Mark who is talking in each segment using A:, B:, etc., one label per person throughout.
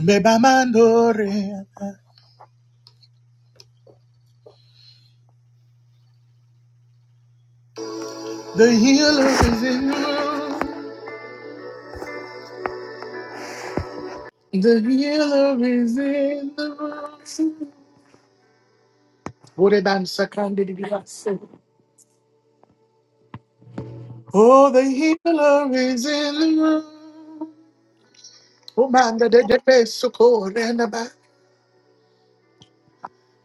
A: Bebamandore, The healer is in the room. The healer is in the room. Orebansa kandidibirase. Oh, the healer is in the room. Oh, man, the dead face and the back.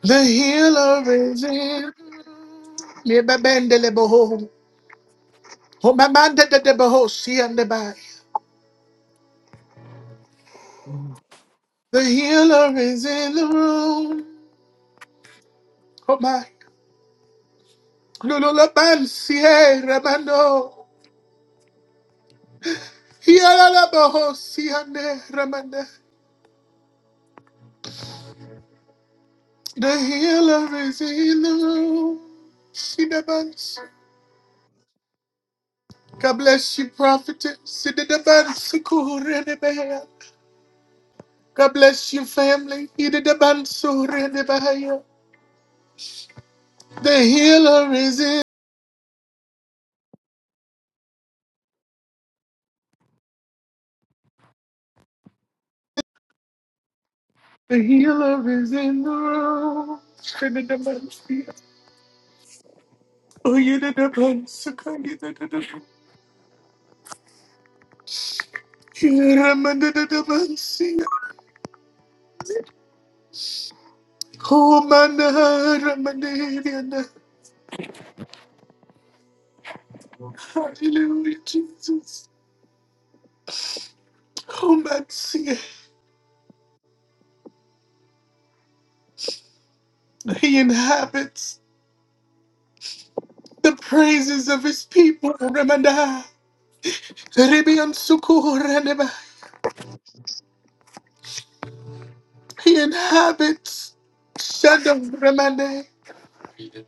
A: The healer is in the room. Neba bendele boho. Oh, my man, the dead boho see and the back.
B: Mhm.
A: The healer is in the room. Lolo la pansier ramando. Yala la bohosiane ramanda. The healer is in the room. She the buns. God bless you, prophetess. She did the buns. Kurenebea. God bless you, family. He did the buns. Surenebea. The healer is in. The healer is in the room. She did the buns. Oh, you did the buns. You did the buns. Oh, my God, my God, hallelujah, Jesus. Oh, my God. He inhabits the praises of his people, Ramanda. Ribian Sukur, Ranaba. He inhabits Shadow Ramande,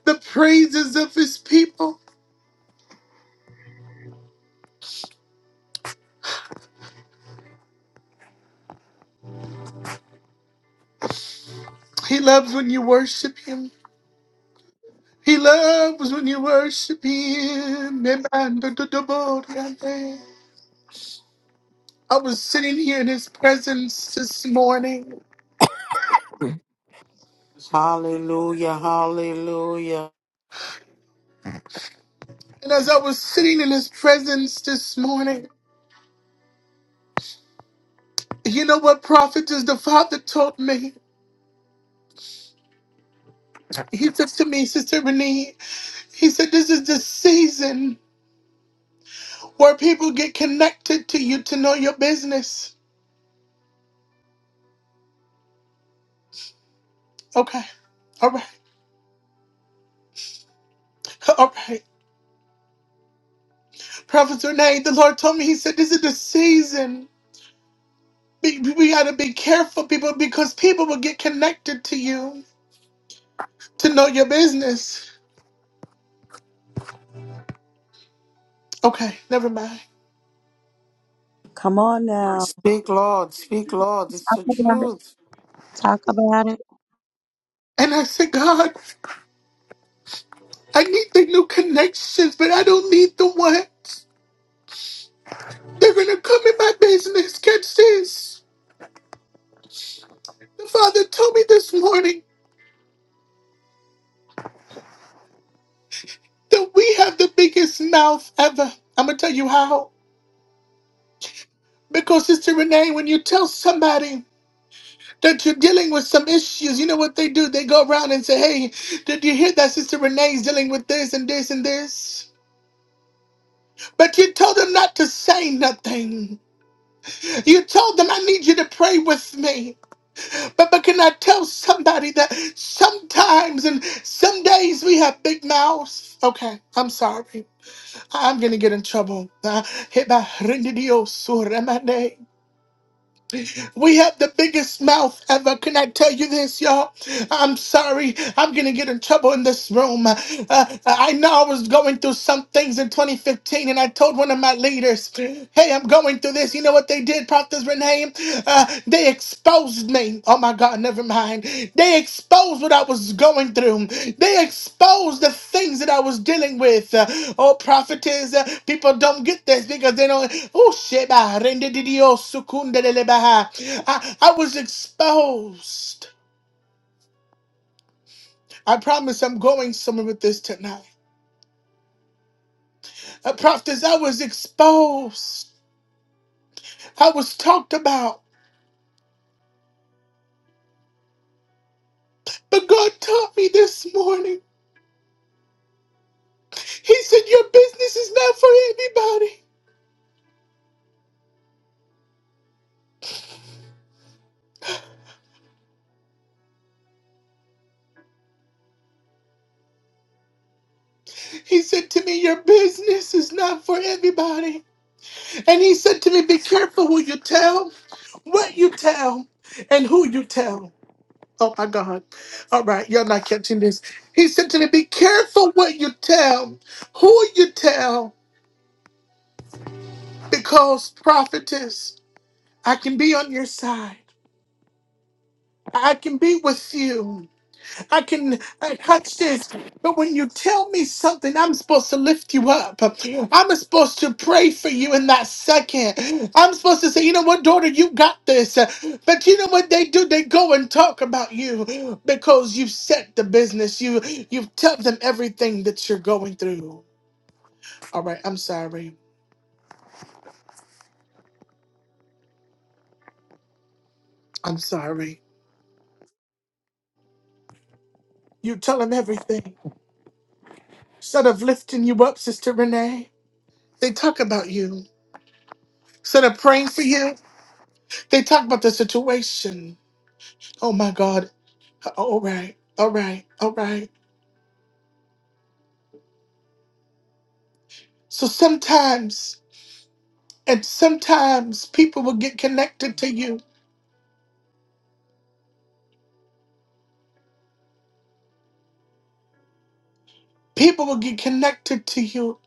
A: the praises of his people. He loves when you worship him. He loves when you worship him. Nebando do do bo, Ramande. I was sitting here in his presence this morning.
C: Hallelujah, hallelujah.
A: And as I was sitting in his presence this morning, you know what prophet is the father taught me? He said to me, Sister Renee, he said, This is the season where people get connected to you to know your business. Okay. All right. All right. Prophet Renee, the Lord told me, He said, This is the season. Be- We got to be careful, people, because people will get connected to you to know your business. Okay. Never mind.
D: Come on now.
C: Speak, Lord, speak, Lord. It's the
E: about it.
C: truth.
E: Talk about it.
A: And I said, God. I need the new connections, but I don't need the ones. They're gonna come in my business. Catch this. The father told me this morning that we have the biggest mouth ever. I'm gonna tell you how. Because Sister Renee, when you tell somebody that you're dealing with some issues, you know what they do? They go around and say, Hey, did you hear that Sister Renee's dealing with this and this and this? But you told them not to say nothing. You told them I need you to pray with me. But, but can I tell somebody that sometimes and some days we have big mouths? Okay, I'm sorry. I'm gonna get in trouble. Uh, hit Rendidio Suramane. We have the biggest mouth ever. Can I tell you this, y'all? I'm sorry. I'm gonna get in trouble in this room. Uh, uh, I know I was going through some things in 2015, and I told one of my leaders, "Hey, I'm going through this." You know what they did, Prophet Renee? Uh, they exposed name. Oh my God, never mind. They exposed what I was going through. They exposed the things that I was dealing with. Uh, oh, prophetess, uh, people don't get this because they don't. Oh, sheba, rende di Dios, sucunde de lebaha. I, I was exposed. I promise I'm going somewhere with this tonight. Uh, prophetess, I was exposed. I was talked about. But God taught me this morning. He said, Your business is not for everybody. He said to me, Your business is not for everybody. And he said to me, Be careful who you tell, what you tell, and who you tell. Oh my God. All right, y'all not catching this. He said to me, Be careful what you tell, who you tell, because prophetess, I can be on your side. I can be with you. I can uh, catch this. But when you tell me something, I'm supposed to lift you up. I'm supposed to pray for you in that second. I'm supposed to say, you know what, daughter, you got this. But you know what they do? They go and talk about you because you set the business. You you tell them everything that you're going through. All right, I'm sorry. I'm sorry. You tell them everything. Instead of lifting you up, Sister Renee, they talk about you. Instead of praying for you, they talk about the situation. Oh my God. All right. All right. All right. So sometimes, and sometimes people will get connected to you. People will get connected to you,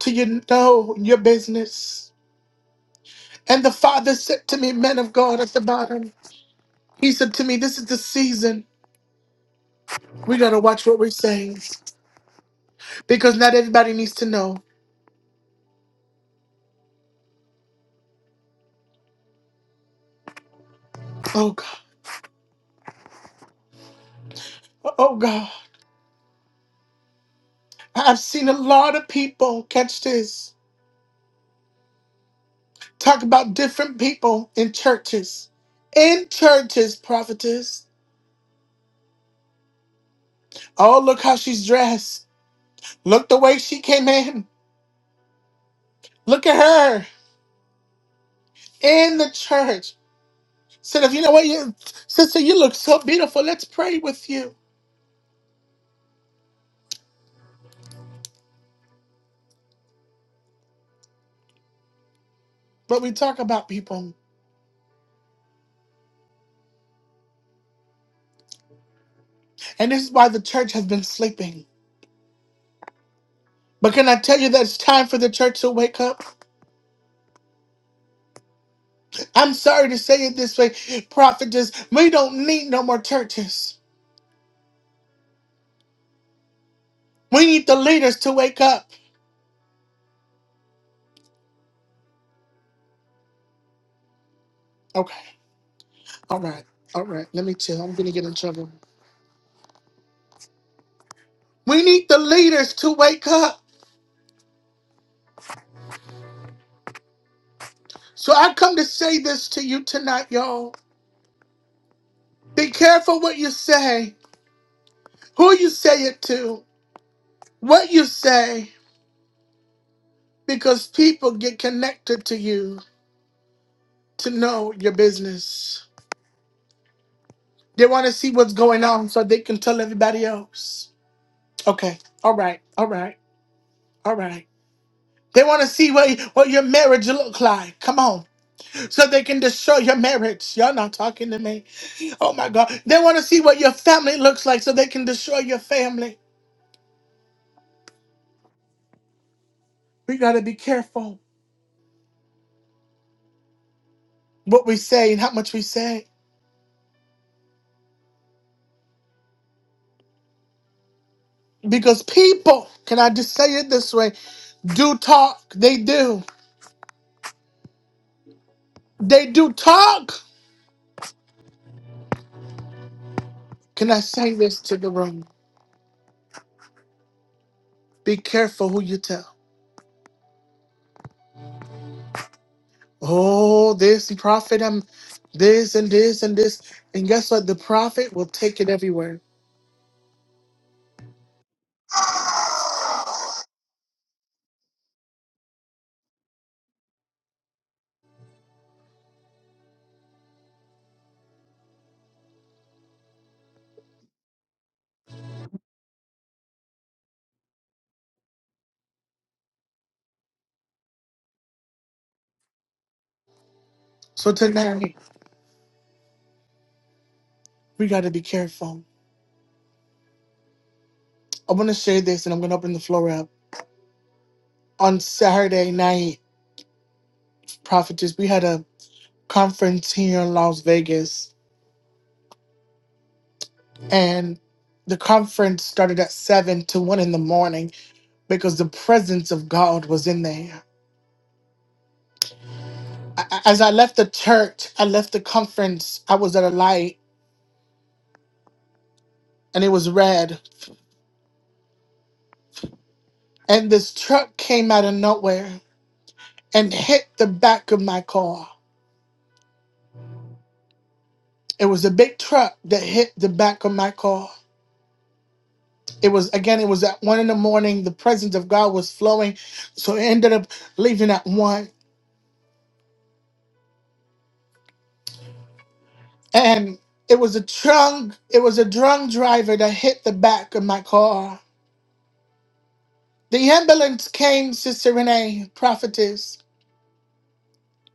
A: to you know your business. And the Father said to me, men of God at the bottom, He said to me, This is the season. We got to watch what we're saying because not everybody needs to know. Oh God. Oh God. I've seen a lot of people catch this Talk about different people in churches. In churches, prophetess. Oh, look how she's dressed. Look the way she came in. Look at her in the church. Said, if you know what, you, sister, you look so beautiful. Let's pray with you. But we talk about people. And this is why the church has been sleeping. But can I tell you that it's time for the church to wake up? I'm sorry to say it this way, prophetess. We don't need no more churches. We need the leaders to wake up. Okay. All right, all right. Let me chill. I'm gonna get in trouble. We need the leaders to wake up. So I come to say this to you tonight, y'all. Be careful what you say, who you say it to, what you say, because people get connected to you to know your business. They want to see what's going on so they can tell everybody else. Okay, all right, all right, all right. They want to see what, what your marriage look like. Come on, so they can destroy your marriage. Y'all not talking to me. Oh my God. They want to see what your family looks like so they can destroy your family. We got to be careful what we say and how much we say. Because people, can I just say it this way? Do talk. They do. They do talk. Can I say this to the room? Be careful who you tell. Oh, this prophet, I'm this and this and this. And guess what? The prophet will take it everywhere. So tonight, we got to be careful. I want to share this and I'm going to open the floor up. On Saturday night, prophetess, we had a conference here in Las Vegas, and the conference started at seven to one in the morning because the presence of God was in there. A- a- As I left the church, I left the conference. I was at a light, and it was red, and this truck came out of nowhere and hit the back of my car. It was a big truck that hit the back of my car. It was again. It was at one in the morning. The presence of God was flowing, so it ended up leaving at one. and it was a drunk it was a drunk driver that hit the back of my car. The ambulance came, Sister Renee, prophetess.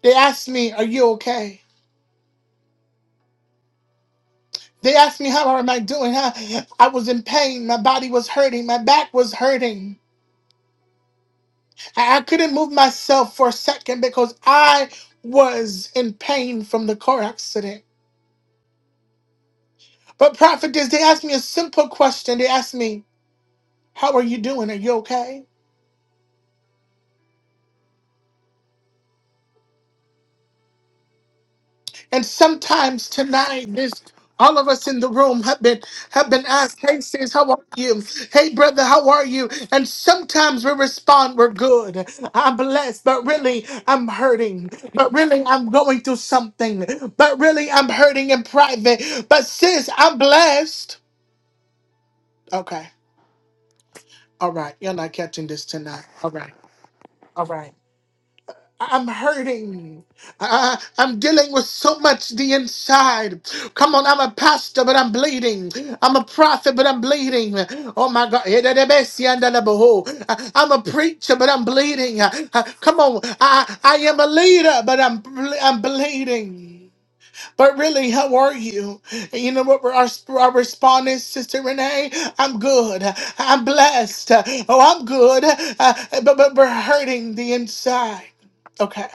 A: They asked me, "Are you okay?" They asked me, "How am I doing?" I, I was in pain. My body was hurting. My back was hurting. I, I couldn't move myself for a second because I was in pain from the car accident. But prophetess, they asked me a simple question. They asked me, "How are you doing? Are you okay?" And sometimes tonight, this all of us in the room have been have been asked, "Hey sis, how are you? Hey brother, how are you?" And sometimes we respond, "We're good. I'm blessed, but really I'm hurting. But really I'm going through something. But really I'm hurting in private. But sis, I'm blessed." Okay, all right, you're not catching this tonight. All right. I'm hurting. I, I'm dealing with so much the inside. Come on, I'm a pastor, but I'm bleeding. I'm a prophet, but I'm bleeding. Oh my God. I- I'm a preacher, but I'm bleeding. Uh, Come on, I, I am a leader, but I'm, ble- I'm bleeding. But really, how are you? And you know what our, our response is, Sister Renee? I'm good. I'm blessed. Oh, I'm good. Uh, but, but we're hurting the inside. Okay.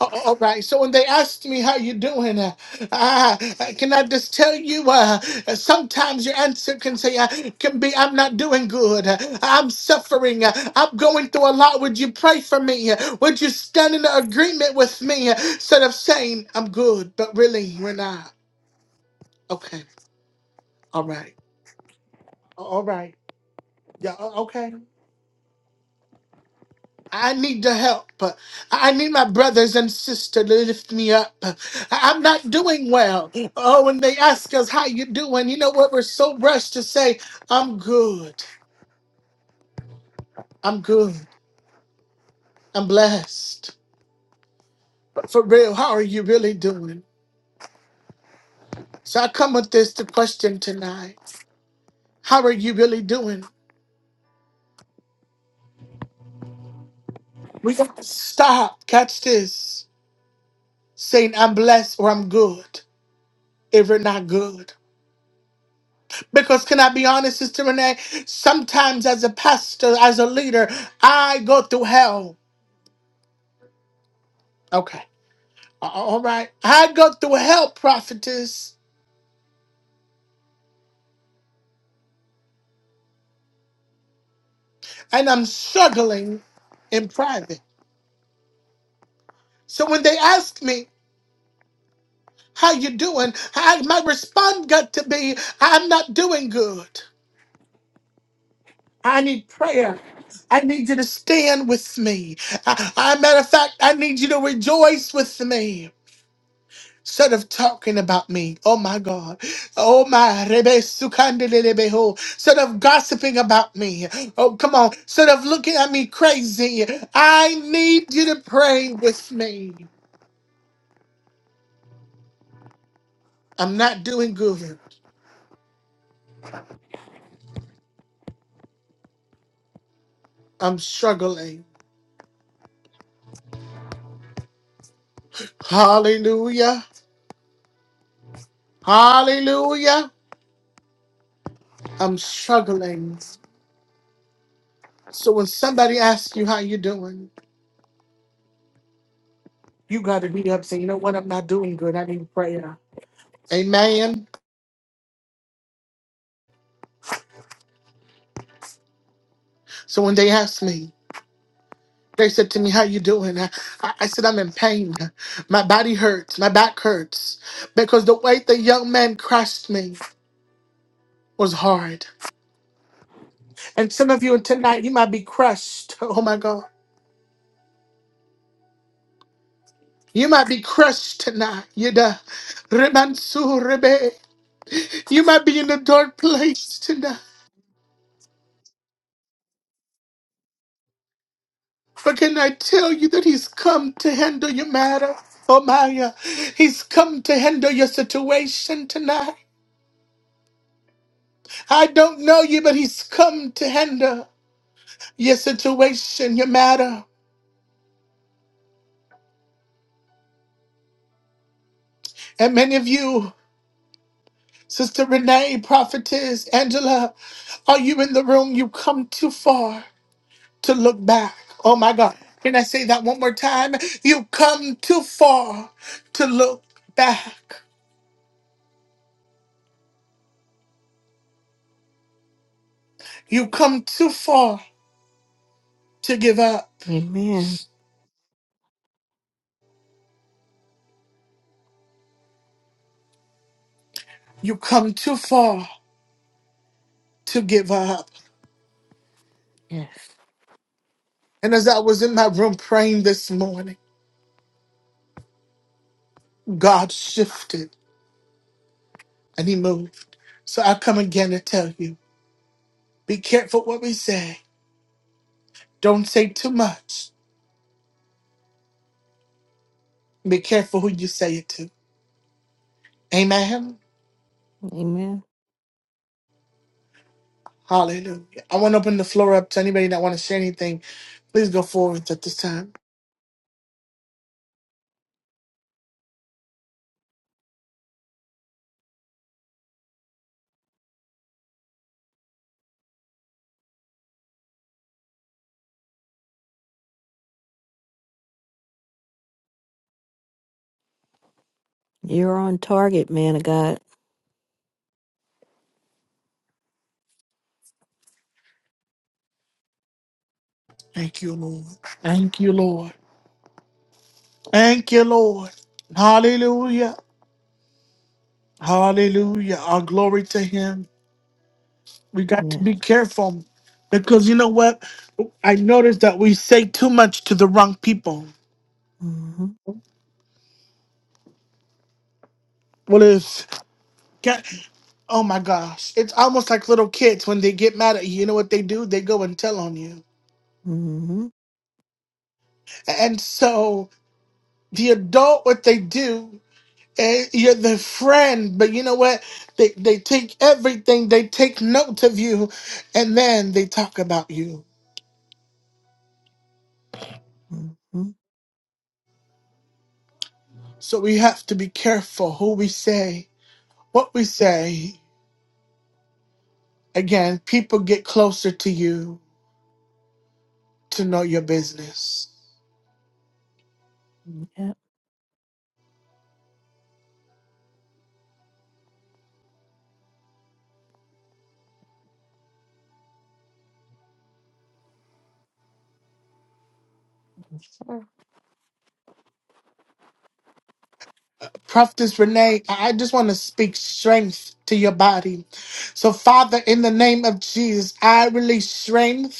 A: Oh, oh, all right. So when they asked me how you doing, uh, uh, can I just tell you? Uh, sometimes your answer can say uh, can be I'm not doing good. Uh, I'm suffering. Uh, I'm going through a lot. Would you pray for me? Uh, Would you stand in agreement with me? Uh, Instead of saying I'm good, but really we're not. Okay. All right. All right. Yeah. o- Okay. I need the help. I need my brothers and sisters to lift me up. I'm not doing well. Oh, when they ask us how you doing, you know what? We're so rushed to say, I'm good. I'm good. I'm blessed. But for real, how are you really doing? So I come with this to question tonight. How are you really doing? We got to stop. Catch this. Saying I'm blessed or I'm good if we're not good. Because can I be honest, Sister Renee? Sometimes as a pastor, as a leader, I go through hell. Okay. A- All right. I go through hell, prophetess, and I'm struggling in private. So when they ask me, how you doing? I, my response got to be, I'm not doing good. I need prayer. I need you to stand with me. I, I, matter of fact, I need you to rejoice with me. Instead of talking about me, oh my God, oh my Rebe Sukandelebeho, instead of gossiping about me, oh come on, instead of looking at me crazy, I need you to pray with me. I'm not doing good, I'm struggling. Hallelujah, hallelujah, I'm struggling. So when somebody asks you how you doing, you got to be up saying, you know what, I'm not doing good, I need prayer. Amen. So when they ask me, They said to me, "How you doing?" I, I I said, "I'm in pain. My body hurts. My back hurts because the way the young man crushed me was hard." And some of you tonight, you might be crushed. Oh my God. You might be crushed tonight. You da- Remansu Rebe. You might be in a dark place tonight. But can I tell you that he's come to handle your matter? Oh Maya? he's come to handle your situation tonight. I don't know you, but he's come to handle. Your situation, your matter. And many of you, Sister Renee, Prophetess, Angela, are you in the room? You come too far to look back. Oh my God. Can I say that one more time? You come too far to look back. You come too far to give up.
B: Mm.
A: You come too far to give up.
B: Yes.
A: And as I was in my room praying this morning, God shifted and He moved. So I come again to tell you be careful what we say Don't say too much. Be careful who you say it to. Amen.
B: Amen.
A: Hallelujah. I want to open the floor up to anybody that want to say anything. Please go forward at this time.
B: You're on target, man of God.
A: Thank you, Lord. Thank you, Lord. Thank you, Lord. Hallelujah. Hallelujah. Our glory to Him. We got to
B: Yes.
A: be careful because you know what? I noticed that we say too much to the wrong people.
B: Mm-hmm.
A: What if? Oh my gosh. It's almost like little kids when they get mad at you. You know what they do? They go and tell on you.
B: Mm-hmm.
A: And so the adult, what they do, eh, you're the friend, but you know what? They, they take everything, they take notes of you, and then they talk about you.
B: Mm-hmm.
A: So we have to be careful who we say, what we say. Again, people get closer to you to know your business.
B: Yep.
A: Prophetess Renee, I I just want to speak strength to your body. So, Father, in the name of Jesus, I release strength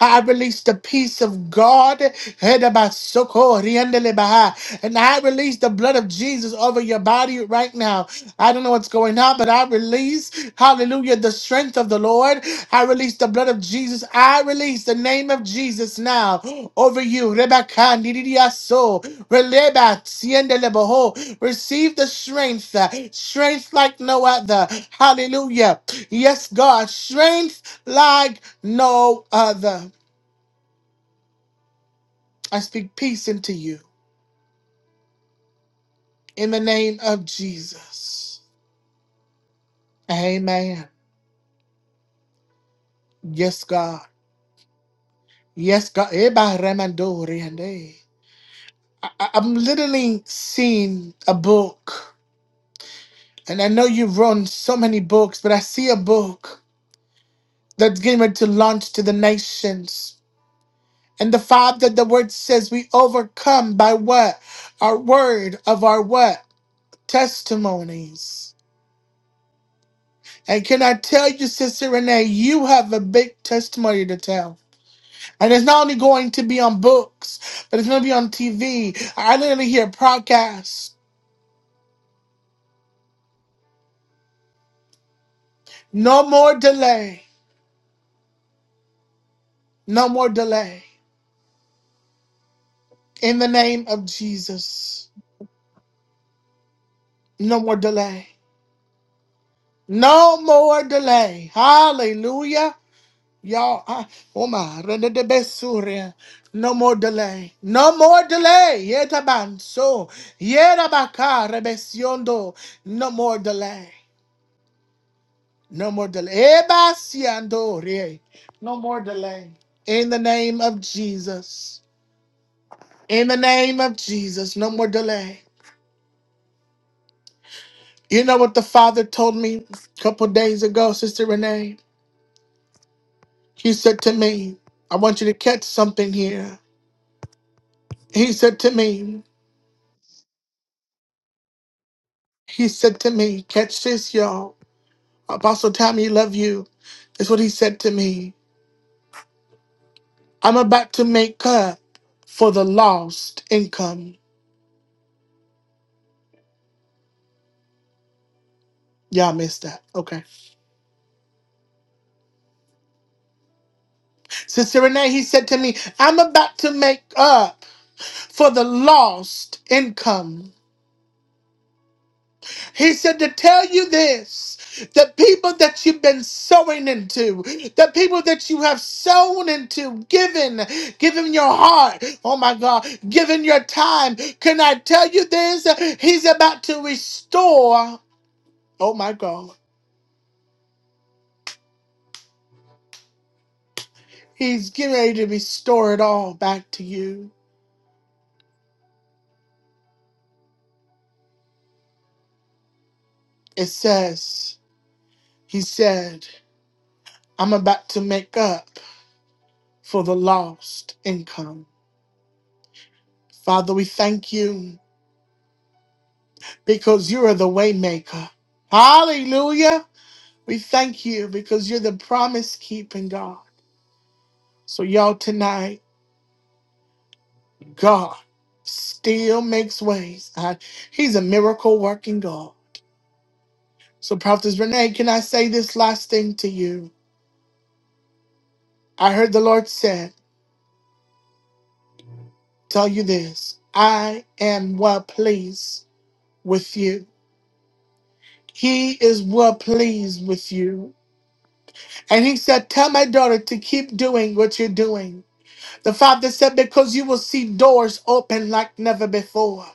A: I release the peace of God. Hedabasoko, riendelebaha. And I release the blood of Jesus over your body right now. I don't know what's going on, but I release, hallelujah, the strength of the Lord. I release the blood of Jesus. I release the name of Jesus now over you. Rebecca, nididiaso, releba, tiendeleboho. Receive the strength, uh, strength like no other. Hallelujah. Yes, God, strength like no other. I speak peace into you in the name of Jesus. Amen. Yes, God. Yes, God. Eba remando riende. I, I- I'm literally seeing a book, and I know you've run so many books, but I see a book that's getting ready to launch to the nations. And the fact that the word says we overcome by what? Our word of our what? Testimonies. And can I tell you, Sister Renee, you have a big testimony to tell. And it's not only going to be on books, but it's going to be on TV. I literally hear podcasts. No more delay. No more delay. In the name of Jesus. No more delay. No more delay. Hallelujah. Y'all, I- oh my, rendedebesuria. no more delay. No more delay. Yetabanso. Yerabakarebe siondo. No more delay. No more delay. Eba No more delay. In the name of Jesus. In the name of Jesus. No more delay. You know what the Father told me a couple days ago, Sister Renee? He said to me, I want you to catch something here. He said to me, He said to me, catch this, y'all. Apostle Tommy, love you. That's what he said to me. I'm about to make up for the lost income. Y'all missed that. Okay. Sister Renee, he said to me, I'm about to make up for the lost income. He said to tell you this the people that you've been sowing into, the people that you have sown into, given, given your heart, oh my God, given your time. Can I tell you this? He's about to restore, oh my God, he's getting ready to restore it all back to you. It says, He said, I'm about to make up. for the lost income. Father, we thank you because you are the waymaker. Hallelujah. We thank you because you're the promise keeping God. So y'all tonight, God still makes ways. Uh, He's a miracle working God. So Prophet Renee, can I say this last thing to you? I heard the Lord said, tell you this, I am well pleased with you. He is well pleased with you. And he said, Tell my daughter to keep doing what you're doing. The father said, Because you will see doors open like never before.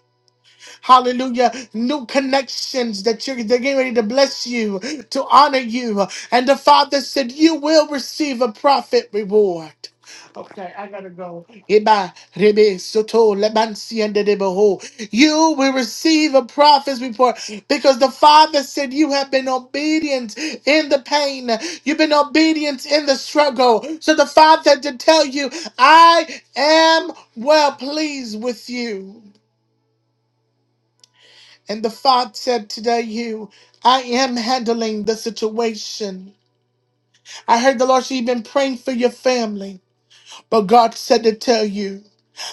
A: Hallelujah. New connections that you're they're getting ready to bless you, to honor you. And the Father said, You will receive a profit reward. Okay, I gotta go. Eba, rebe, soto, lebansi, and dedeboho. You will receive a prophet's report because the Father said you have been obedient in the pain. You've been obedient in the struggle. So the Father had to tell you, I am well pleased with you. And the father said today, you, I am handling the situation. I heard the Lord, she been praying for your family. But God said to tell you,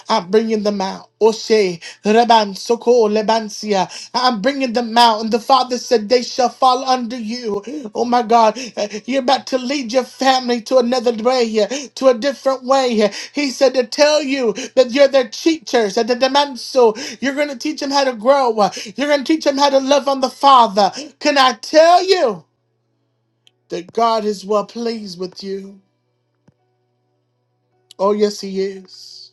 A: I'm bringing them out. Oshe, Reban, Soko, Lebansia. I'm bringing them out. And the Father said, They shall fall under you. Oh my God. Uh, You're about to lead your family to another way, uh, to a different way. Uh, He said to tell you that you're their teachers. At the Demanso, you're going to teach them how to grow. Uh, You're going to teach them how to love on the Father. Can I tell you that God is well pleased with you? Oh, yes, He is.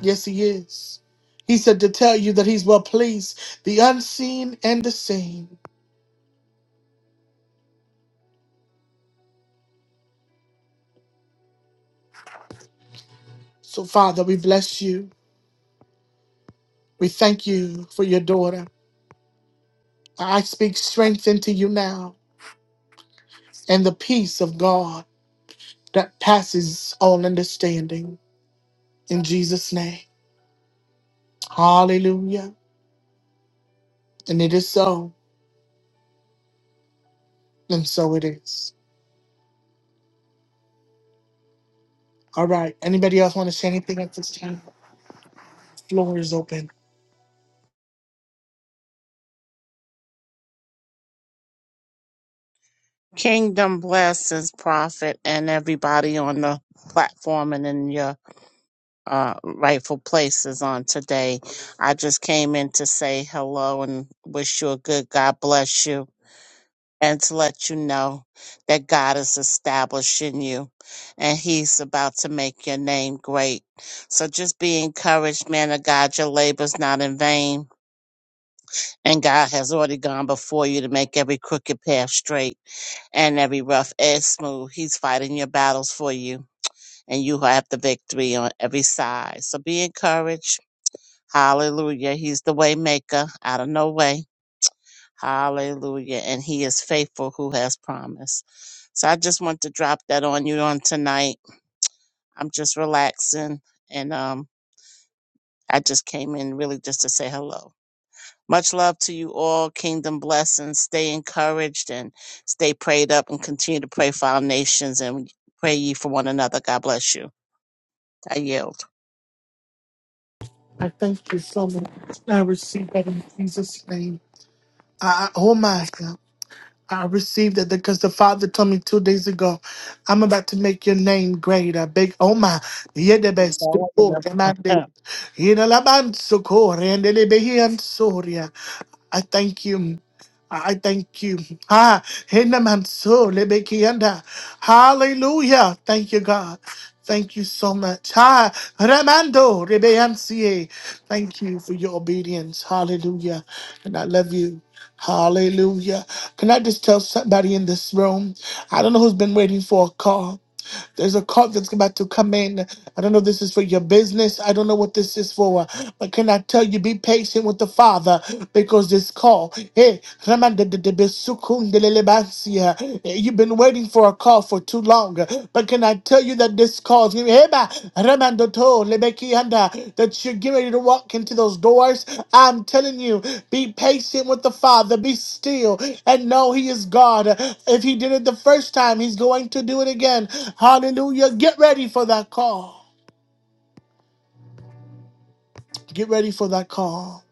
A: Yes, he is. He said to tell you that he's well pleased, the unseen and the seen. So, Father, we bless you. We thank you for your daughter. I speak strength into you now and the peace of God that passes all understanding. In Jesus' name. Hallelujah. And it is so, and so it is. All right. Anybody else want to say anything at this time? The floor is open.
F: Kingdom blesses Prophet and everybody on the platform and in your uh, rightful places on today. I just came in to say hello and wish you a good God bless you and to let you know that God is establishing you and He's about to make your name great. So just be encouraged, man of God. Your labor's not in vain and God has already gone before you to make every crooked path straight and every rough edge smooth. He's fighting your battles for you, and you have the victory on every side. So be encouraged. Hallelujah. He's the way maker out of no way. Hallelujah. And he is faithful who has promised. So I just want to drop that on you on tonight. I'm just relaxing and um I just came in really just to say hello. Much love to you all. Kingdom blessings. Stay encouraged and stay prayed up and continue to pray for our nations and pray ye for one another. God bless you. I yield.
A: I thank you so much. I receive that in Jesus' name. I, I- oh my God. I received it because the Father told me two days ago, I'm about to make your name great. I beg, oh my, you're the
F: I'm
A: best.
F: telling
A: Oh,
F: you.
A: and I beg, you're the Laban Sokor, and the Lebehian Soria. I thank you. I thank you. Ha, Hinamanso, Lebekianda. Hallelujah. Thank you, God. Thank you so much. Ha, Ramando, Rebeansie. Thank you for your obedience. Hallelujah. And I love you. Hallelujah. Can I just tell somebody in this room? I don't know who's been waiting for a call. There's a call that's about to come in. I don't know if this is for your business. I don't know what this is for. But can I tell you, be patient with the Father because this call, hey, Ramandadadabisukundelelebansia. you've been waiting for a call for too long. But can I tell you that this calls. Give me Heba, Remando to, Lebeki Anda, that you're getting ready to walk into those doors. I'm telling you, be patient with the Father, be still, and know He is God. If He did it the first time, He's going to do it again. Hallelujah. Get ready for that call. Get ready for that call.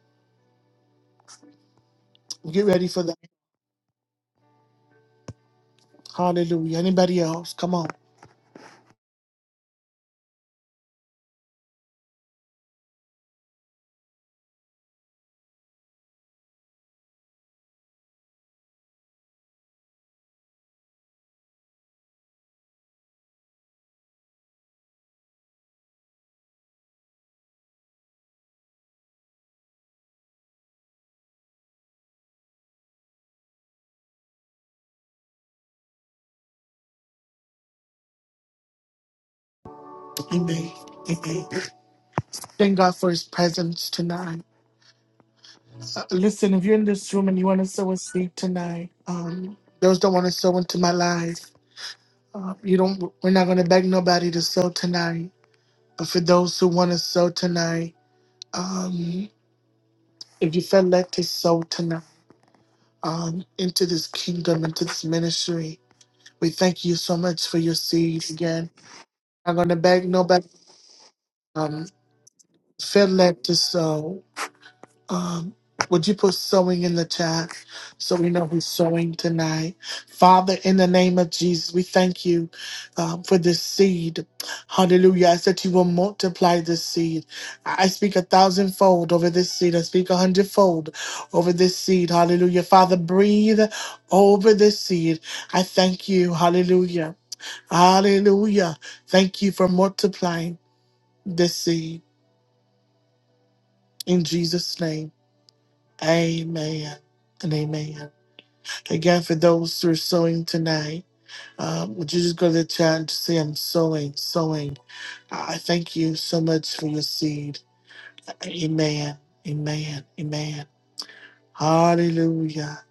A: Get ready for that. Hallelujah. Anybody else? Come on. Amen. Amen. Thank God for his presence tonight. Uh, listen, if you're in this room and you want to sow a seed tonight, um, those that want to sow into my life, uh, you don't. We're not going to beg nobody to sow tonight. But for those who want to sow tonight, um, if you feel led to sow tonight um, into this kingdom, into this ministry, we thank you so much for your seeds again. I'm not going to beg nobody. Um, feel led to sow. Um, would you put sewing in the chat so we know who's sewing tonight? Father, in the name of Jesus, we thank you um, for this seed. Hallelujah. I ask that you will multiply this seed. I I speak a thousandfold over this seed. I speak a hundredfold over this seed. Hallelujah. Father, breathe over this seed. I thank you. Hallelujah. Hallelujah. Thank you for multiplying this seed in Jesus' name. Amen and amen. Again, for those who are sewing tonight, um, would you just go to the chat and just say, I'm sewing, sewing. I I thank you so much for your seed. Amen, amen, amen. Hallelujah.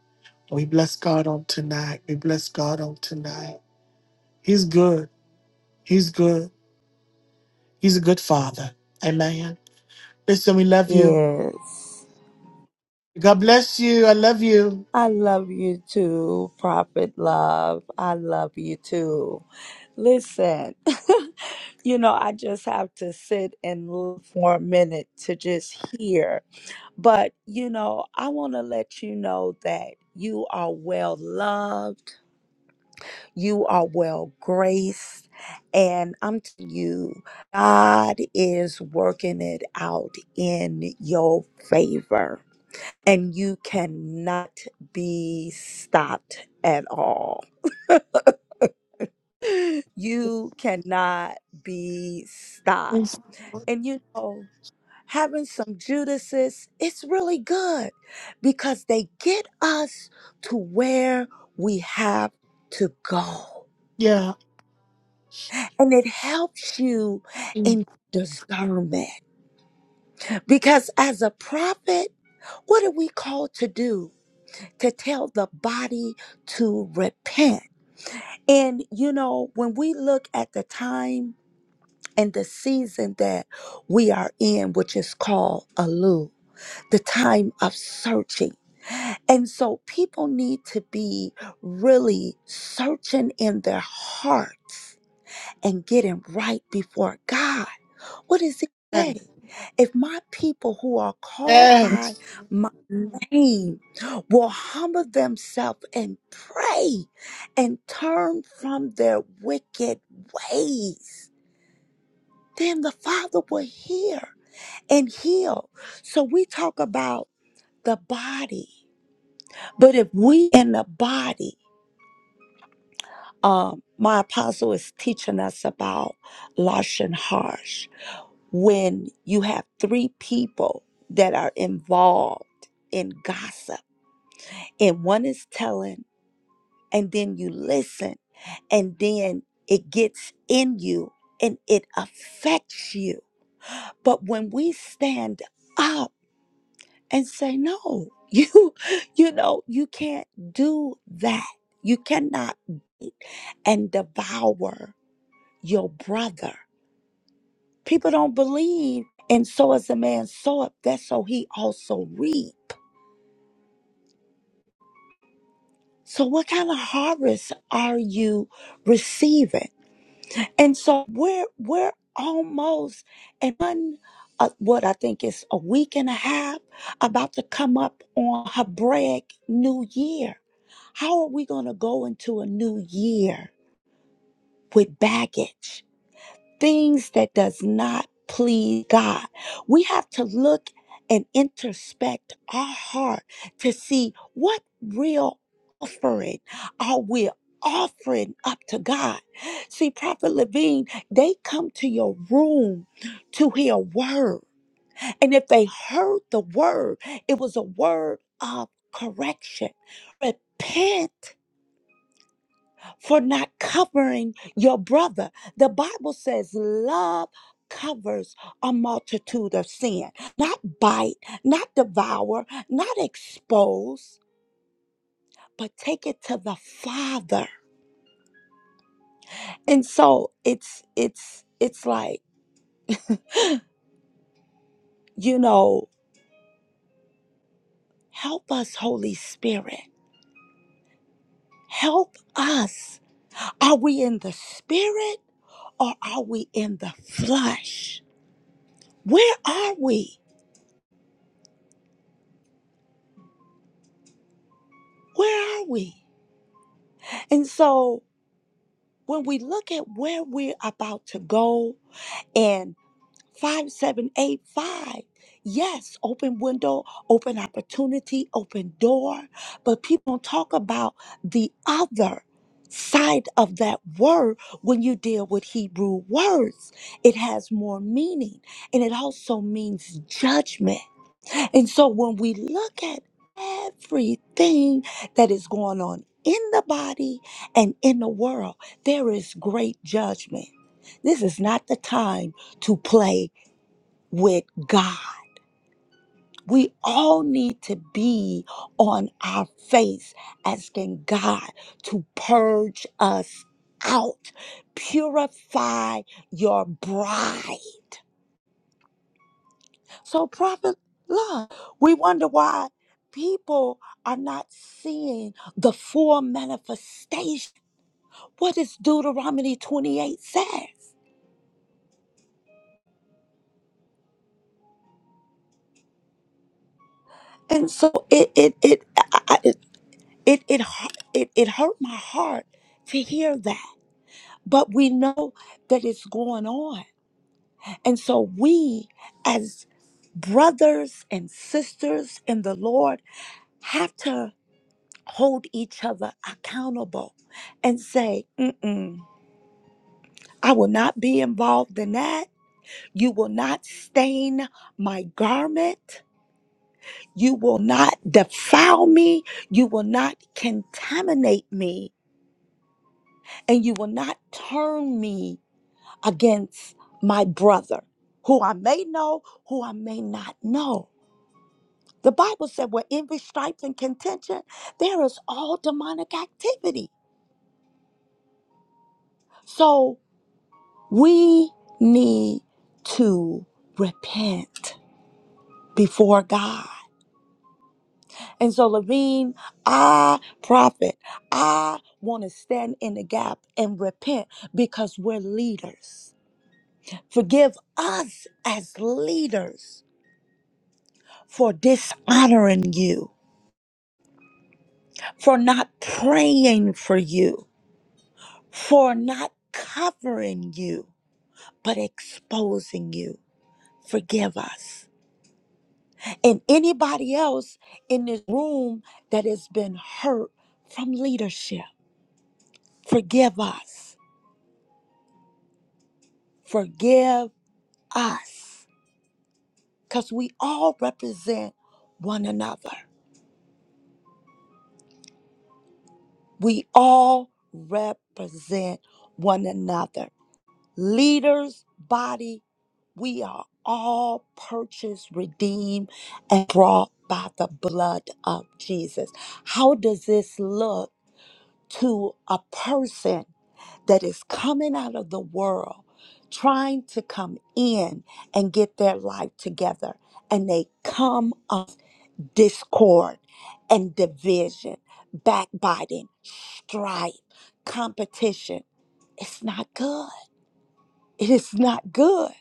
A: We bless God on tonight. We bless God on tonight. He's good. He's good. He's a good father. Amen. Listen, we love you.
D: Yes.
A: God bless you. I love you.
D: I love you too, Prophet Love. I love you too. Listen, you know, I just have to sit and look for a minute to just hear. But, you know, I want to let you know that you are well loved, you are well graced, and I'm to you, God is working it out in your favor. and you cannot be stopped at all. you cannot be stopped. And you know, having some Judases, it's really good because they get us to where we have to go.
A: Yeah.
D: And it helps you in discernment because as a prophet, what are we called to do? To tell the body to repent And, you know, when we look at the time and the season that we are in, which is called Alu, the time of searching. And so people need to be really searching in their hearts and getting right before God what does it say?
A: Amen.
D: If my people who are called by
A: Yes.
D: my name will humble themselves and pray and turn from their wicked ways, then the Father will hear and heal. So we talk about the body. But if we in the body, um, my apostle is teaching us about Lashon Harsh when you have three people that are involved in gossip and one is telling and then you listen and then it gets in you and it affects you but when we stand up and say no you you know you can't do that you cannot and devour your brother People don't believe. And so as a man soweth, that's so he also reap. So what kind of harvest are you receiving? And so we're we're almost and one uh, what I think is a week and a half about to come up on Hebraic New Year. How are we going to go into a new year with baggage? things that does not please God. We have to look and introspect our heart to see what real offering are we offering up to God. See, Prophet Levine, they come to your room to hear a word. And if they heard the word, it was a word of correction. Repent for not covering your brother. The Bible says love covers a multitude of sin. Not bite, not devour, not expose, but take it to the Father. And so it's it's it's like, you know, help us Holy Spirit. Help us. Are we in the spirit or are we in the flesh? Where are we? Where are we? And so when we look at where we're about to go in 5785, yes, open window, open opportunity, open door, but people don't talk about the other side of that word when you deal with Hebrew words. It has more meaning and it also means judgment. And so when we look at everything that is going on in the body and in the world, there is great judgment. This is not the time to play with God. We all need to be on our face asking God to purge us out, purify your bride. So, Prophet Love, we wonder why people are not seeing the full manifestation. What does Deuteronomy 28 says? And so it it it I- I- it it it, hu- it it hurt my heart to hear that. But we know that it's going on. And so we as brothers and sisters in the Lord have to hold each other accountable and say, Mm-mm. I will not be involved in that. You will not stain my garment. You will not defile me. You will not contaminate me. And you will not turn me against my brother, who I may know, who I may not know. The Bible said, where envy, strife, and contention, there is all demonic activity. So we need to repent before God And so, Levine, I, prophet, I want to stand in the gap and repent because we're leaders. Forgive us as leaders for dishonoring you, for not praying for you, for not covering you, but exposing you. Forgive us. And anybody else in this room that has been hurt from leadership, forgive us. Forgive us because we all represent one another. We all represent one another. Leaders, body, we are all purchased, redeemed, and brought by the blood of Jesus. How does this look to a person that is coming out of the world, trying to come in and get their life together? And they come discord and division, backbiting, strife, competition. It's not good. It is not good.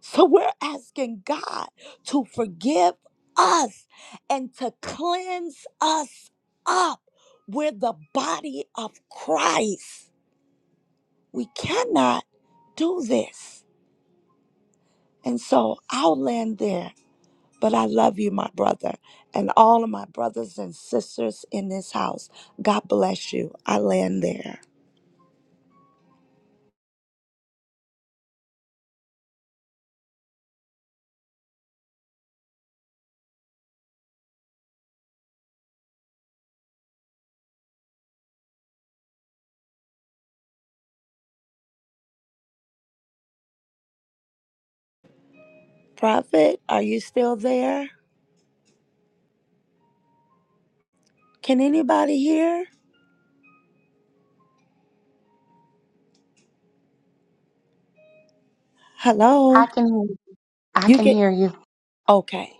D: So we're asking God to forgive us and to cleanse us up. We're the body of Christ. We cannot do this. And so I'll land there. But I love you, my brother, and all of my brothers and sisters in this house. God bless you. I land there. Prophet, are you still there? Can anybody hear? Hello?
E: I can hear. I
D: You
E: can
D: can.
E: hear you.
D: Okay.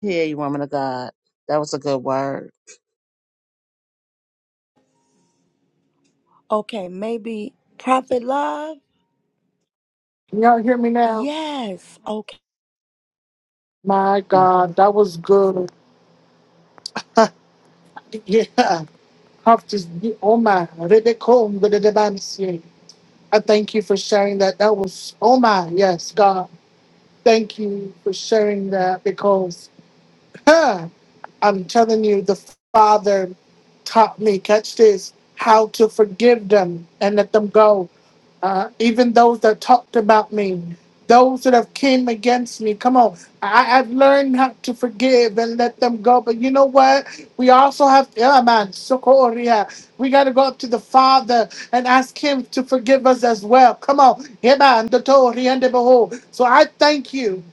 F: Hear you, woman of God. That was a good word.
D: Okay. Maybe Prophet Love?
A: Y'all hear me now?
D: Yes. Okay.
A: My God, that was good. yeah. Have to be? oh my Rebecca, but the demands, yeah. I thank you for sharing that. That was oh my yes, God. Thank you for sharing that because huh, I'm telling you, the Father taught me, catch this, how to forgive them and let them go uh, even those that talked about me, those that have came against me. Come on, I, I've learned how to forgive and let them go. But you know what? We also have, yeah, man, Sokoria. We got to go up to the Father and ask Him to forgive us as well. Come on, yeah, man, the Tori and the Behold. So I thank you.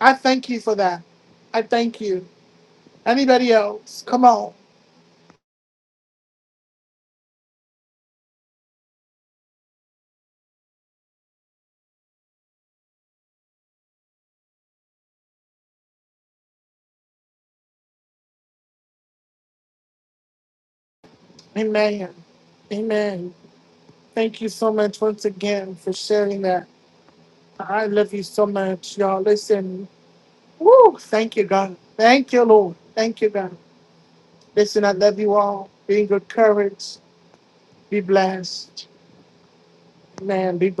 A: I thank you for that. I thank you. Anybody else? Come on, Amen, Amen. Thank you so much once again for sharing that. I love you so much, y'all. Listen, woo, thank you, God. Thank you, Lord. Thank you, God. Listen, I love you all. Be in good courage. Be blessed. Man, be blessed.